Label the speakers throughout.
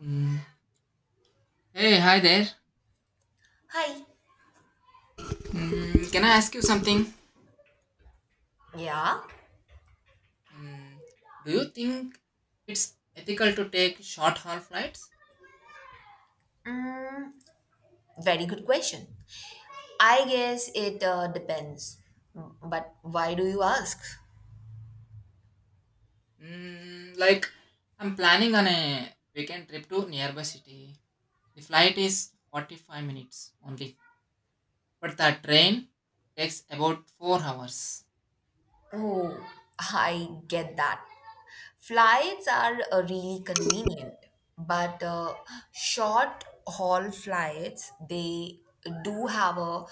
Speaker 1: Mm. Hey, hi there.
Speaker 2: Hi.
Speaker 1: Can I ask you something?
Speaker 2: Yeah.
Speaker 1: Mm, do you think it's ethical to take short haul flights?
Speaker 2: Mm, Very good question. I guess it depends. But why do you ask?
Speaker 1: Mm, like, I'm planning on a weekend trip to nearby city. The flight is 45 minutes only, but the train takes about 4 hours.
Speaker 2: Oh, I get that. Flights are really convenient, but short haul flights they do have a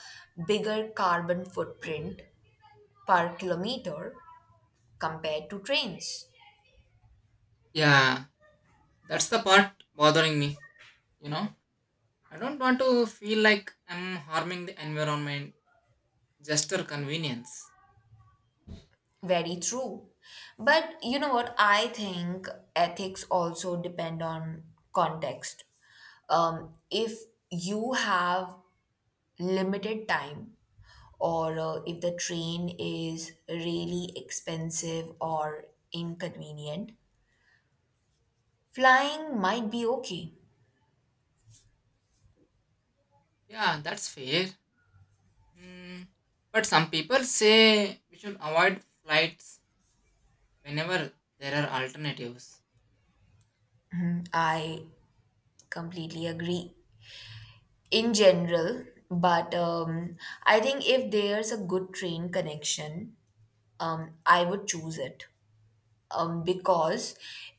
Speaker 2: bigger carbon footprint per kilometer compared to trains.
Speaker 1: Yeah, that's the part bothering me, you know. I don't want to feel like I'm harming the environment just for convenience.
Speaker 2: Very true. But you know what? I think ethics also depend on context. If you have limited time, or if the train is really expensive or inconvenient, flying might be okay.
Speaker 1: Yeah, that's fair. Mm, but some people say we should avoid flights whenever there are alternatives.
Speaker 2: I completely agree in general, but I think if there's a good train connection, I would choose it. Because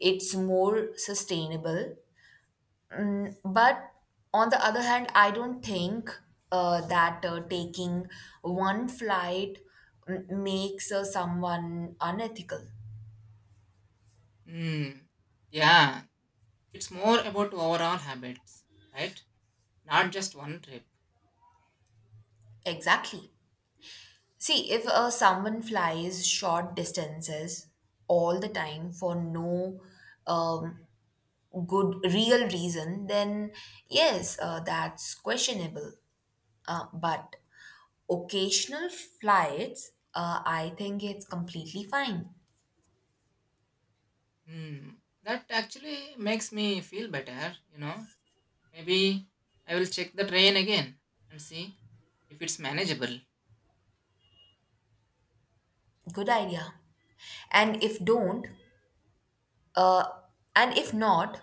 Speaker 2: it's more sustainable. But on the other hand, I don't think that taking one flight makes someone unethical.
Speaker 1: Mm, yeah, it's more about overall habits, right? Not just one trip.
Speaker 2: Exactly. See, if someone flies short distances all the time for no um, good real reason, then yes, that's questionable. But occasional flights, I think it's completely fine.
Speaker 1: Hmm, that actually makes me feel better, you know. Maybe I will check the train again and see if it's manageable.
Speaker 2: Good idea. And if don't, uh, and if not,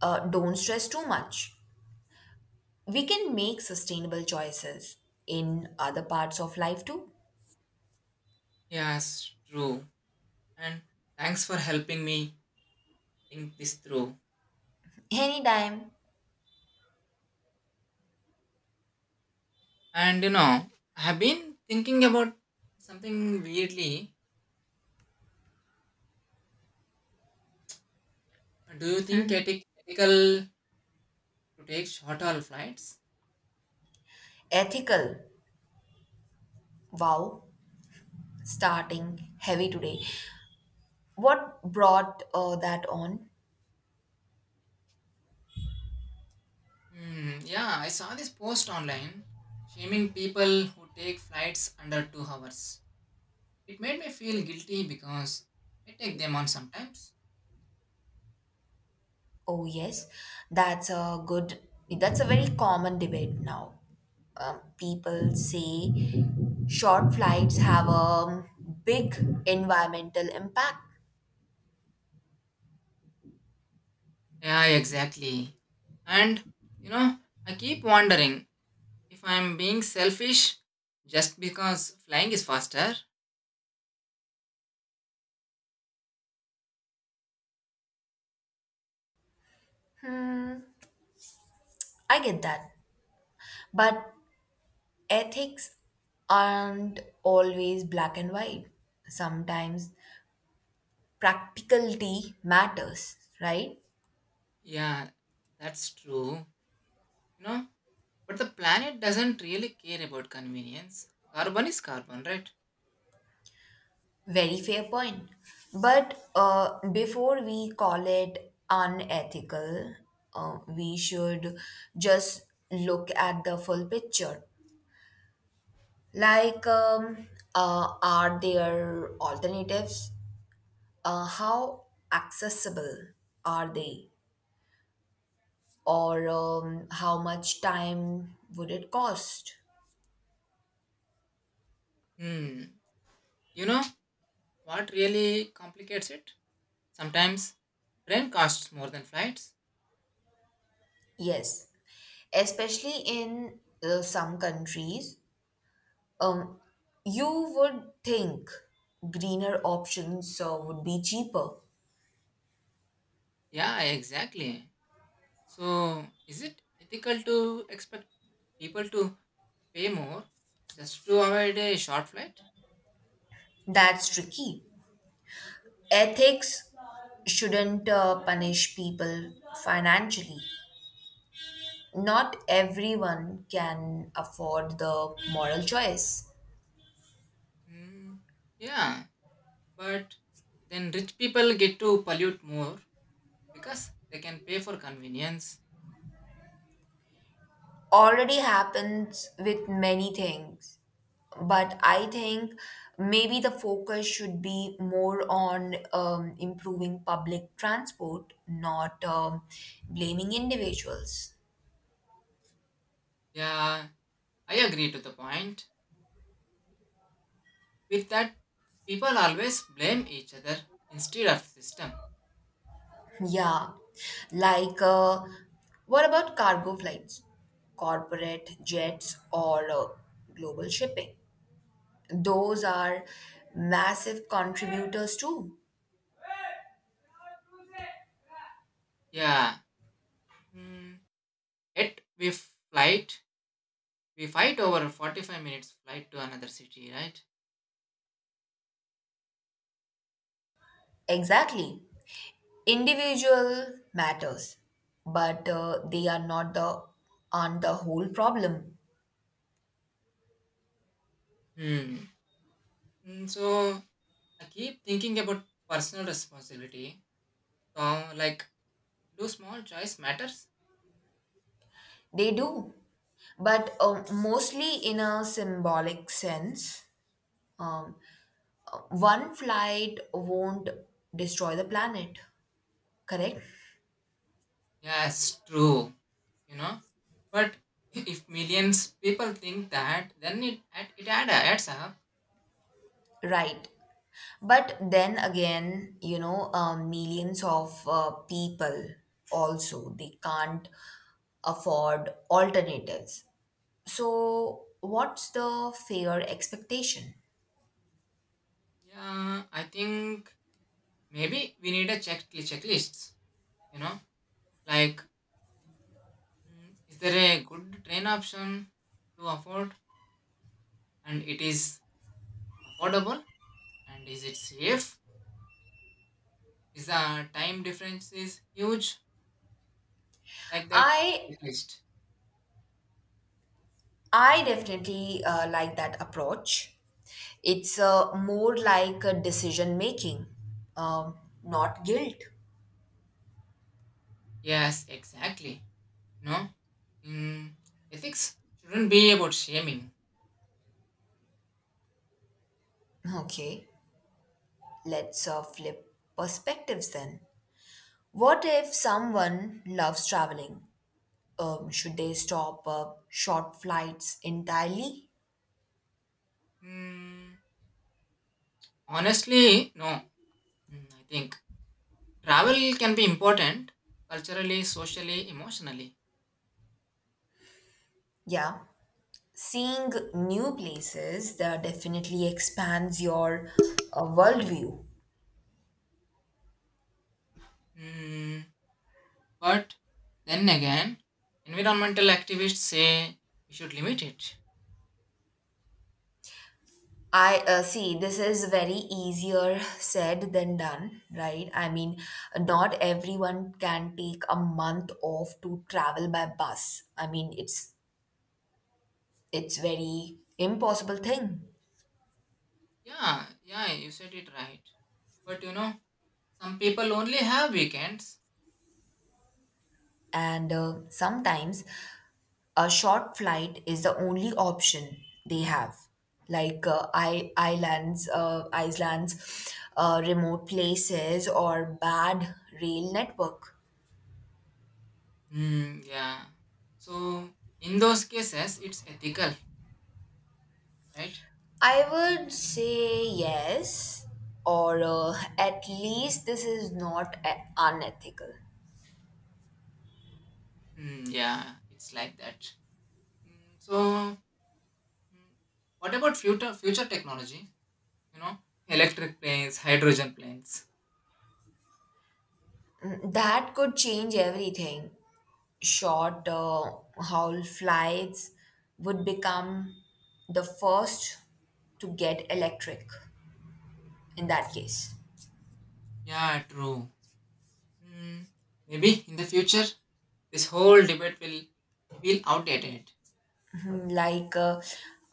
Speaker 2: don't stress too much. We can make sustainable choices in other parts of life too.
Speaker 1: Yes, true. And thanks for helping me think this through.
Speaker 2: Anytime.
Speaker 1: And you know, I have been thinking about something weirdly. Do you think it is ethical to take short haul flights?
Speaker 2: Ethical. Wow. Starting heavy today. What brought that on?
Speaker 1: Hmm, yeah, I saw this post online shaming people who take flights under 2 hours. It made me feel guilty because I take them on sometimes.
Speaker 2: Oh, yes, that's a good, that's a very common debate now. People say short flights have a big environmental impact.
Speaker 1: Yeah, exactly. And you know, I keep wondering if I'm being selfish just because flying is faster.
Speaker 2: I get that. But ethics aren't always black and white. Sometimes practicality matters, right?
Speaker 1: Yeah, that's true. You know, but the planet doesn't really care about convenience. Carbon is carbon, right?
Speaker 2: Very fair point. But before we call it unethical, we should just look at the full picture. Like, um, are there alternatives? How accessible are they? Or how much time would it cost?
Speaker 1: Hmm. You know what really complicates it? Sometimes train costs more than flights.
Speaker 2: Yes, especially in some countries. Um, you would think greener options would be cheaper.
Speaker 1: Yeah, exactly. So, is it ethical to expect people to pay more just to avoid a short flight?
Speaker 2: That's tricky. Ethics shouldn't punish people financially. Not everyone can afford the moral choice.
Speaker 1: Hmm, yeah, but then rich people get to pollute more because they can pay for convenience.
Speaker 2: Already happens with many things. But I think maybe the focus should be more on improving public transport, not blaming individuals.
Speaker 1: Yeah, I agree to the point. With that, people always blame each other instead of system.
Speaker 2: Yeah. Like, what about cargo flights, corporate jets, or global shipping? Those are massive contributors, too.
Speaker 1: Yeah. Hmm. Yet we fight over 45 minutes flight to another city, right?
Speaker 2: Exactly. Individual matters but they are not the on the whole problem.
Speaker 1: Hmm. So I keep thinking about personal responsibility. So, like, do small choice matters?
Speaker 2: They do but mostly in a symbolic sense. um, One flight won't destroy the planet, correct.
Speaker 1: Yes, true. You know, but if millions people think that, then it adds up.
Speaker 2: Right, but then again, you know, millions of people also they can't afford alternatives, so what's the fair expectation?
Speaker 1: Yeah, I think maybe we need a Checklists. You know, like, is there a good train option to afford and it is affordable? And is it safe? Is the time difference is huge like that?
Speaker 2: I
Speaker 1: Checklist.
Speaker 2: I definitely like that approach. It's more like a decision making, um, not guilt.
Speaker 1: Yes, exactly. No, mm, ethics shouldn't be about shaming.
Speaker 2: Okay, let's flip perspectives then. What if someone loves traveling? Should they stop short flights entirely?
Speaker 1: Mm, Honestly, no. I think travel can be important culturally, socially, emotionally.
Speaker 2: Yeah, seeing new places that definitely expands your worldview.
Speaker 1: Mm, but then again, environmental activists say we should limit it.
Speaker 2: I see this is very easier said than done, right? I mean, not everyone can take a month off to travel by bus. I mean, it's very impossible thing.
Speaker 1: Yeah, you said it right. But you know, some people only have weekends.
Speaker 2: And sometimes a short flight is the only option they have. Like Iceland's remote places or bad rail network.
Speaker 1: Hmm, yeah. So in those cases, it's ethical, right?
Speaker 2: I would say yes, or at least this is not a- unethical.
Speaker 1: Hmm, yeah, it's like that. So mm, what about future technology? You know, electric planes, hydrogen planes.
Speaker 2: That could change everything. Short haul flights would become the first to get electric in that case.
Speaker 1: Yeah, true. Mm, Maybe in the future, this whole debate will feel outdated.
Speaker 2: Mhm. Like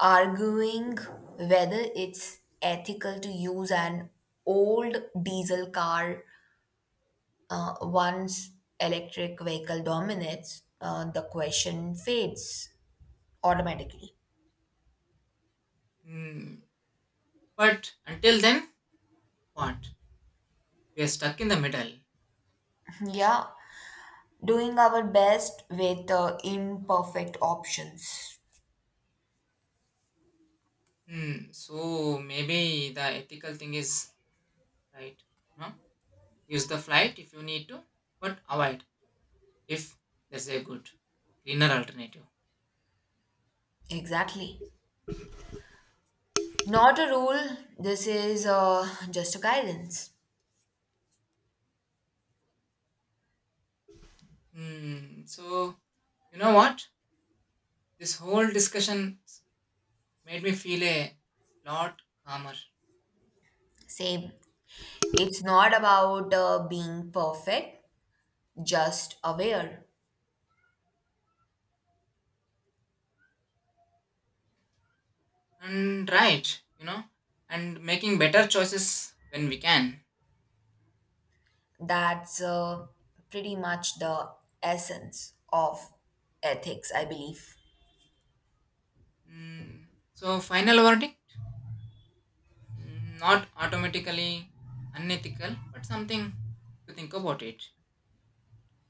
Speaker 2: arguing whether it's ethical to use an old diesel car. Once electric vehicle dominates, the question fades automatically.
Speaker 1: Mm, but until then, what? We are stuck in the middle.
Speaker 2: Yeah, doing our best with imperfect options.
Speaker 1: Hmm, so maybe the ethical thing is right. No. Use the flight if you need to, but avoid if there's a good greener alternative.
Speaker 2: Exactly. Not a rule, this is just a guidance.
Speaker 1: Hmm. So you know what? This whole discussion made me feel a lot calmer
Speaker 2: Same. It's not about being perfect, just aware.
Speaker 1: and right. You know, and making better choices when we can.
Speaker 2: That's pretty much the essence of ethics, I believe.
Speaker 1: Hmm. So final verdict: Hmm, not automatically unethical, but something to think about it.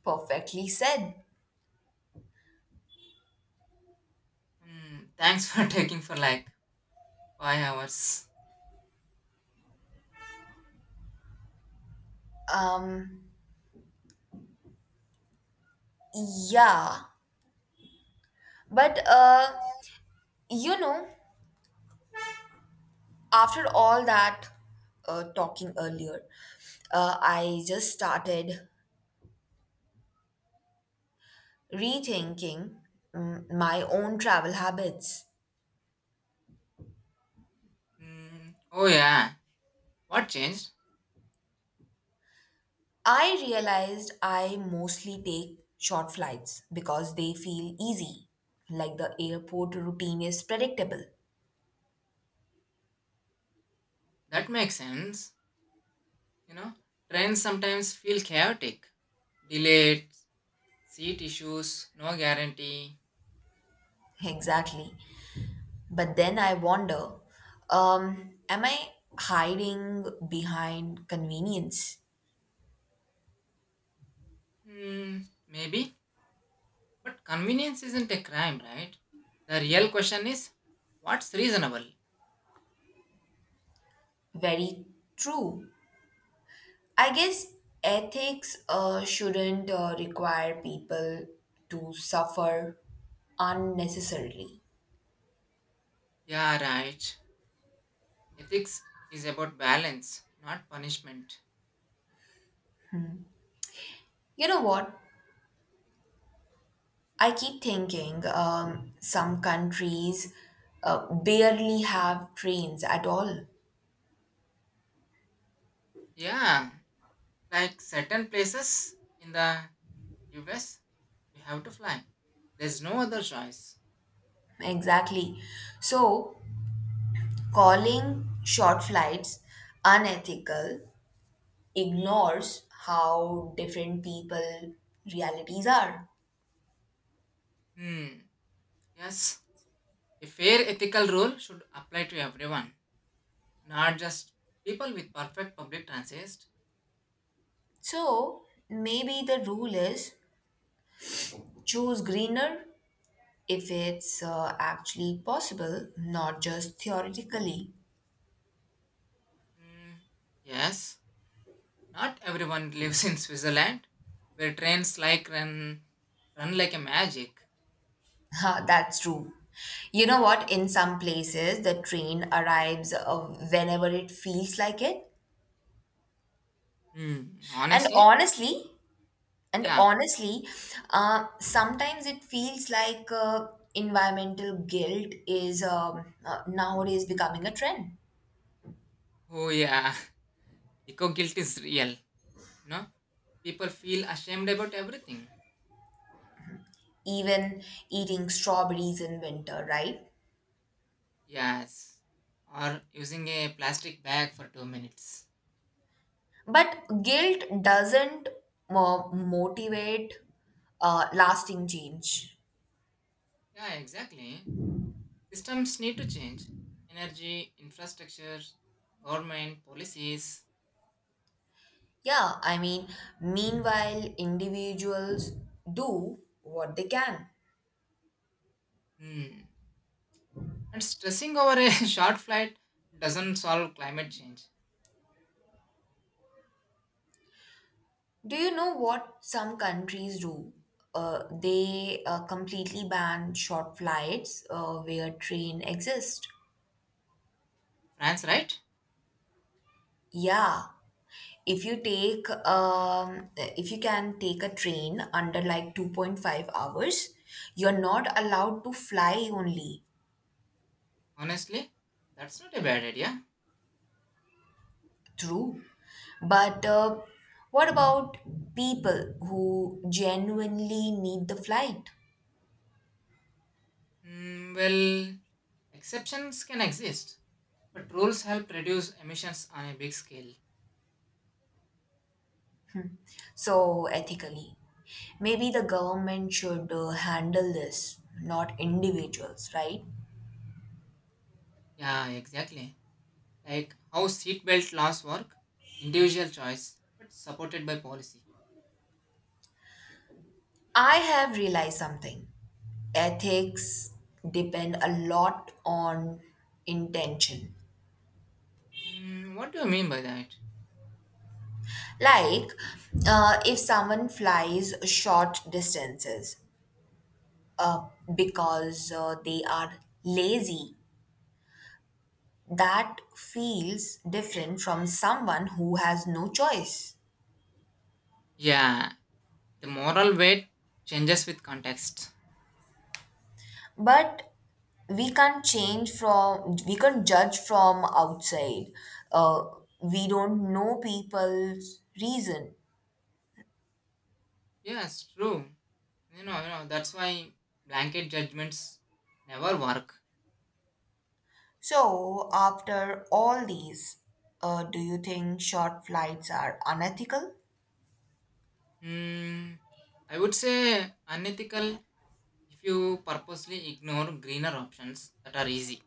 Speaker 2: Perfectly said.
Speaker 1: Hmm. Thanks for taking for like 5 hours.
Speaker 2: Um, yeah, but you know, after all that talking earlier, I just started rethinking my own travel habits.
Speaker 1: Hmm. Oh yeah. What changed?
Speaker 2: I realized I mostly take short flights because they feel easy, like the airport routine is predictable.
Speaker 1: That makes sense. You know, trains sometimes feel chaotic. Delayed, seat issues, no guarantee.
Speaker 2: Exactly. But then I wonder, am I hiding behind convenience?
Speaker 1: Hmm, maybe. But convenience isn't a crime, right? The real question is what's reasonable?
Speaker 2: Very true. I guess ethics shouldn't require people to suffer unnecessarily.
Speaker 1: Yeah, right. Ethics is about balance, not punishment.
Speaker 2: You know what? I keep thinking some countries barely have trains at all.
Speaker 1: Yeah, like certain places in the US, we have to fly. There's no other choice.
Speaker 2: Exactly. So, calling short flights unethical ignores how different people realities are.
Speaker 1: Hmm, yes. A fair ethical rule should apply to everyone. Not just people with perfect public transit.
Speaker 2: So, maybe the rule is choose greener if it's actually possible, not just theoretically.
Speaker 1: Mm, yes, not everyone lives in Switzerland, where trains like run like a magic.
Speaker 2: Ha, that's true. You know what? In some places, the train arrives whenever it feels like it.
Speaker 1: Hmm,
Speaker 2: And
Speaker 1: honestly,
Speaker 2: honestly, and
Speaker 1: yeah.
Speaker 2: honestly, sometimes it feels like environmental guilt is nowadays becoming a trend.
Speaker 1: Oh yeah, eco guilt is real. You know, people feel ashamed about everything.
Speaker 2: Even eating strawberries in winter, right?
Speaker 1: Yes, or using a plastic bag for 2 minutes.
Speaker 2: But guilt doesn't motivate lasting change.
Speaker 1: Yeah, exactly. Systems need to change. Energy, infrastructure, government policies.
Speaker 2: Yeah, I mean, meanwhile, individuals do what they can.
Speaker 1: Hmm. And stressing over a short flight doesn't solve climate change.
Speaker 2: Do you know what some countries do? They completely ban short flights where train exist.
Speaker 1: France, right?
Speaker 2: Yeah, if you can take a train under like 2.5 hours, you're not allowed to fly only.
Speaker 1: Honestly, that's not a bad idea.
Speaker 2: True. But what about people who genuinely need the flight?
Speaker 1: Mm, well, Exceptions can exist, but rules help reduce emissions on a big scale.
Speaker 2: So, ethically, maybe the government should handle this, not individuals, right?
Speaker 1: Yeah, exactly. Like how seatbelt laws work, individual choice, but supported by policy.
Speaker 2: I have realized something. Ethics depend a lot on intention.
Speaker 1: What do you mean by that?
Speaker 2: Like, if someone flies short distances uh, because they are lazy. That feels different from someone who has no choice.
Speaker 1: Yeah, the moral weight changes with context.
Speaker 2: But we can't judge from outside. Uh, we don't know people's reason.
Speaker 1: Yes, true. You know, that's why blanket judgments never work.
Speaker 2: So, after all these, do you think short flights are unethical?
Speaker 1: Hmm, I would say unethical if you purposely ignore greener options that are easy,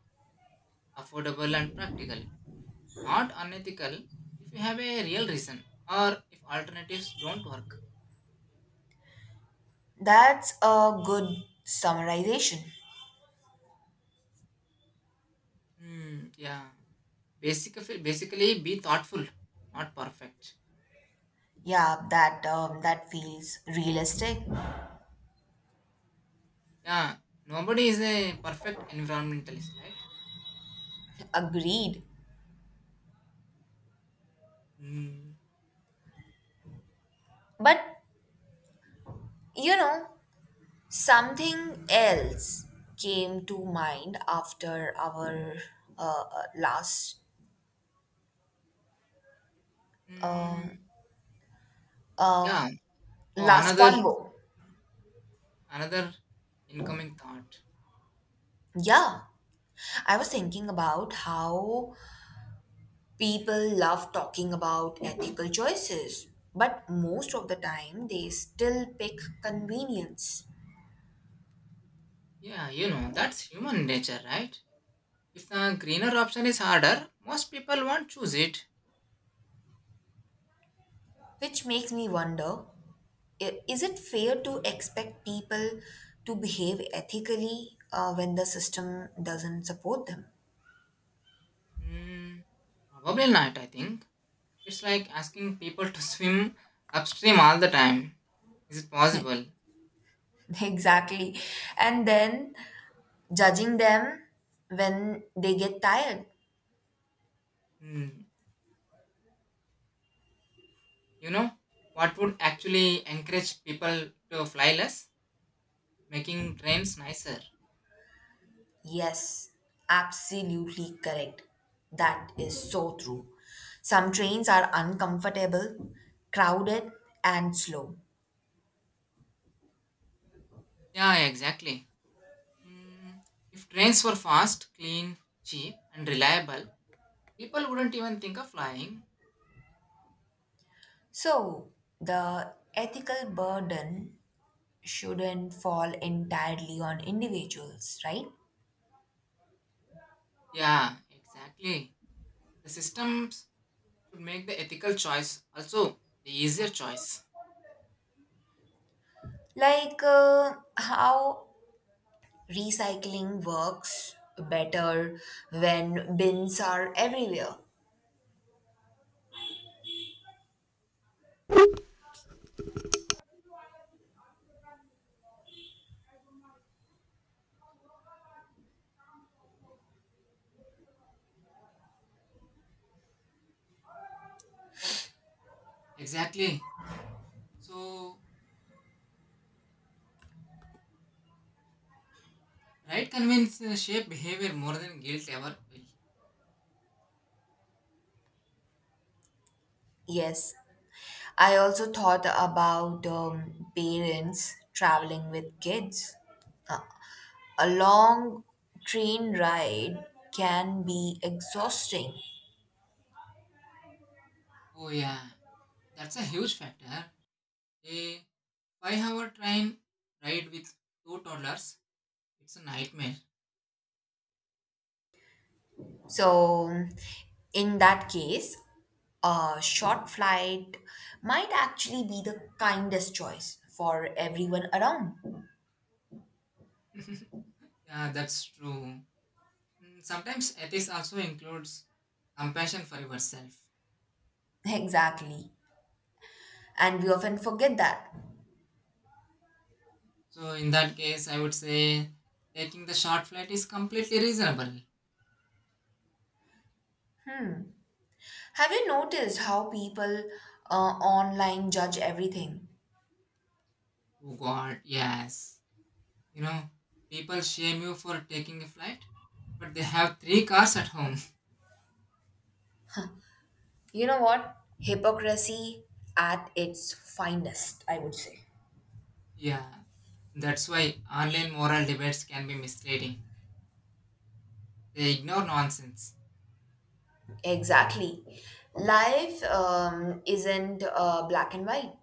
Speaker 1: affordable, and practical. Not unethical if you have a real reason or if alternatives don't work.
Speaker 2: That's a good summarization.
Speaker 1: Hmm, yeah. Basically, be thoughtful, not perfect.
Speaker 2: Yeah, that that feels realistic.
Speaker 1: Yeah, nobody is a perfect environmentalist, right?
Speaker 2: Agreed.
Speaker 1: Hmm.
Speaker 2: But you know, something else came to mind after our last um,
Speaker 1: Hmm.
Speaker 2: uh,
Speaker 1: Yeah. Oh,
Speaker 2: last convo.
Speaker 1: Another incoming thought.
Speaker 2: Yeah, I was thinking about how people love talking about ethical choices, but most of the time they still pick convenience,
Speaker 1: Yeah, you know, that's human nature, right? If the greener option is harder, most people won't choose it.
Speaker 2: which makes me wonder: is it fair to expect people to behave ethically when the system doesn't support them?
Speaker 1: Hmm, probably not, I think. It's like asking people to swim upstream all the time. Is it possible?
Speaker 2: Exactly. And then judging them when they get tired.
Speaker 1: Hmm, you know, what would actually encourage people to fly less? Making trains nicer.
Speaker 2: Yes, absolutely correct. That is so true. Some trains are uncomfortable, crowded, and slow.
Speaker 1: Yeah, exactly. Hmm, if trains were fast, clean, cheap, and reliable, people wouldn't even think of flying.
Speaker 2: So, the ethical burden shouldn't fall entirely on individuals, right?
Speaker 1: Yeah, exactly. The systems should make the ethical choice, also the easier choice.
Speaker 2: Like how recycling works better when bins are everywhere.
Speaker 1: Exactly. So, right convenience shape behavior more than guilt ever will.
Speaker 2: Yes, I also thought about parents traveling with kids. A long train ride can be exhausting.
Speaker 1: Oh, yeah, that's a huge factor. A 5 hour train ride with two toddlers, it's a nightmare.
Speaker 2: So, in that case, a short flight might actually be the kindest choice for everyone around.
Speaker 1: Yeah, that's true. Sometimes ethics also includes compassion for yourself.
Speaker 2: Exactly. And we often forget that.
Speaker 1: So, in that case, I would say taking the short flight is completely reasonable.
Speaker 2: Have you noticed how people online judge everything?
Speaker 1: Oh God, yes. You know, people shame you for taking a flight, but they have 3 cars at home.
Speaker 2: You know what? Hypocrisy at its finest, I would say.
Speaker 1: Yeah, that's why online moral debates can be misleading. They ignore nonsense.
Speaker 2: Exactly. Life isn't black and white.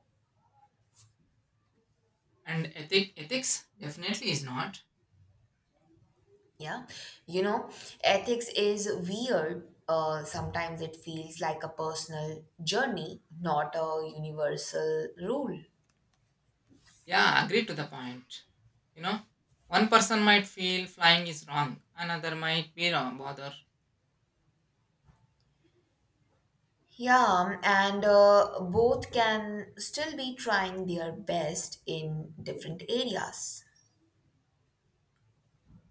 Speaker 1: And ethics definitely is not.
Speaker 2: Yeah. You know, ethics is weird. Sometimes it feels like a personal journey, not a universal rule.
Speaker 1: Yeah, agree to the point. You know, one person might feel flying is wrong, another might be wrong, bother.
Speaker 2: Yeah, and both can still be trying their best in different areas.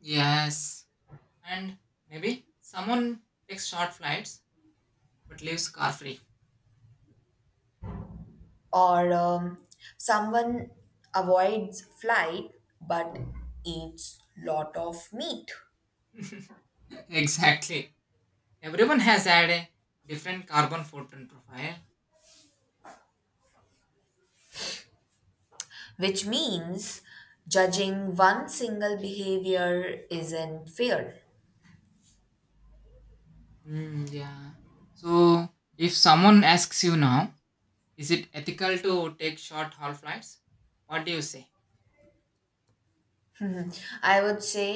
Speaker 1: Yes, and maybe someone takes short flights but leaves car free.
Speaker 2: Or someone avoids flight but eats lot of meat,
Speaker 1: Exactly. Everyone has had a different carbon footprint profile.
Speaker 2: which means judging one single behavior isn't fair.
Speaker 1: Mm, yeah. So, if someone asks you now, is it ethical to take short haul flights? What do you say?
Speaker 2: Hmm. I would say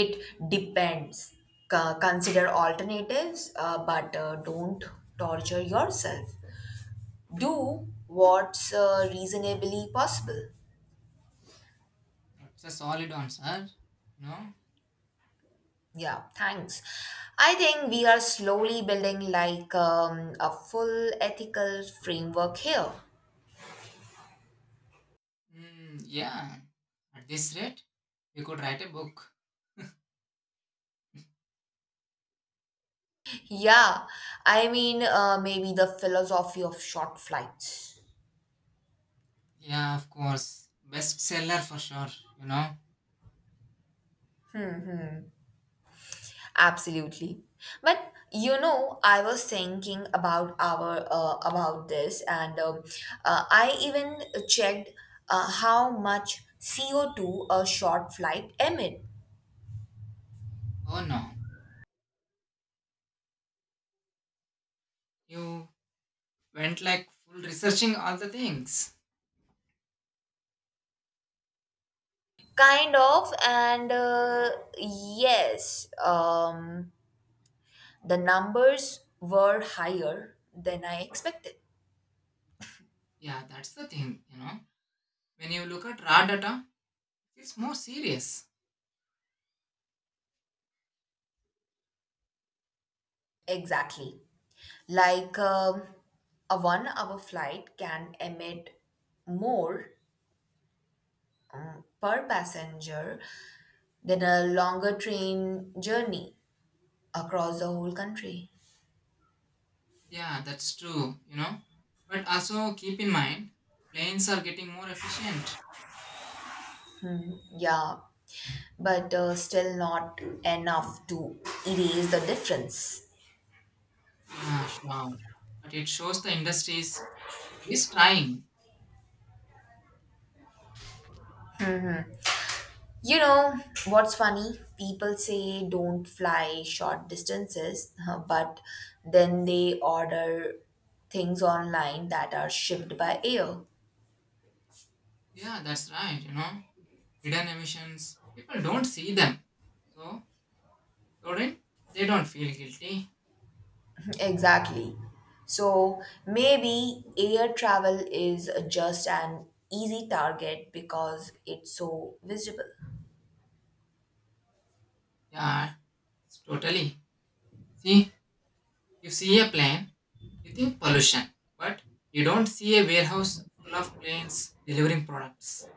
Speaker 2: it depends. Consider alternatives but don't torture yourself, do what's reasonably possible.
Speaker 1: That's a solid answer. You know?
Speaker 2: Yeah, thanks. I think we are slowly building like a full ethical framework here.
Speaker 1: Mm, yeah. At this rate, we could write a book.
Speaker 2: Yeah, I mean, maybe the philosophy of short flights.
Speaker 1: Yeah, of course. Bestseller for sure, you know.
Speaker 2: Absolutely. But you know, I was thinking about our about this, and I even checked how much CO two a short flight emit.
Speaker 1: Oh no. You went like full researching all the things.
Speaker 2: Kind of, and yes. The numbers were higher than I expected.
Speaker 1: Yeah, that's the thing, you know. When you look at raw data, it's more serious.
Speaker 2: Exactly. Like a 1 hour flight can emit more per passenger than a longer train journey across the whole country.
Speaker 1: Yeah, that's true, you know. But also keep in mind, planes are getting more efficient.
Speaker 2: Yeah, but still not enough to erase the difference.
Speaker 1: Yeah, sure. But it shows the industry is at least trying.
Speaker 2: You know what's funny? People say don't fly short distances, but then they order things online that are shipped by air.
Speaker 1: Yeah, that's right, you know. Hidden emissions, people don't see them. So, don't they don't feel guilty.
Speaker 2: Exactly. So maybe air travel is just an easy target because it's so visible.
Speaker 1: Yeah, totally. See, you see a plane, you think pollution. But you don't see a warehouse full of planes delivering products.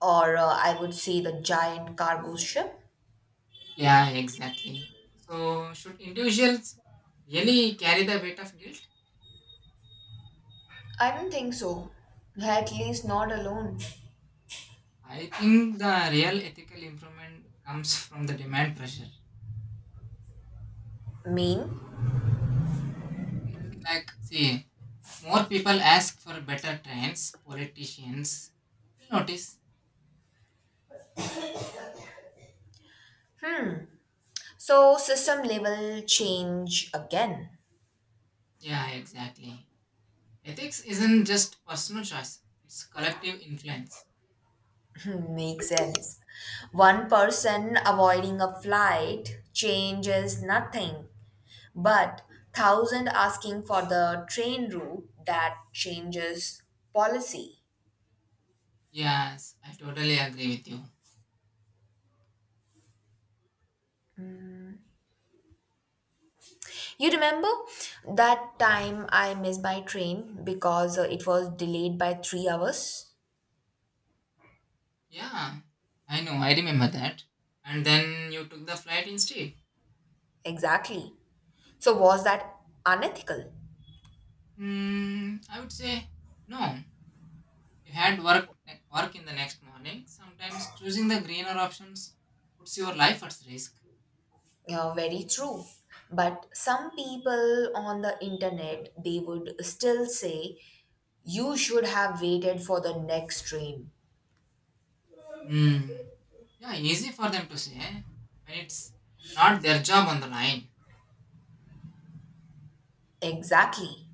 Speaker 2: Or I would say the giant cargo ship.
Speaker 1: Yeah, exactly. So, should individuals really carry the weight of guilt?
Speaker 2: I don't think so. At least not alone.
Speaker 1: I think the real ethical improvement comes from the demand pressure.
Speaker 2: Mean?
Speaker 1: Like, see, if more people ask for better trains, politicians will notice.
Speaker 2: So, system level change again.
Speaker 1: Yeah, exactly. Ethics isn't just personal choice, it's collective influence.
Speaker 2: Makes sense. One person avoiding a flight changes nothing, but thousand asking for the train route that changes policy.
Speaker 1: Yes, I totally agree with you.
Speaker 2: You remember that time I missed my train because it was delayed by 3 hours?
Speaker 1: Yeah, I know, I remember that. And then you took the flight instead.
Speaker 2: Exactly. So, was that unethical?
Speaker 1: Mm, I would say no. You had work in the next morning. Sometimes choosing the greener options puts your life at risk.
Speaker 2: Yeah, very true. But some people on the internet, they would still say, you should have waited for the next train.
Speaker 1: Mm. Yeah, easy for them to say when it's not their job on the line.
Speaker 2: Exactly.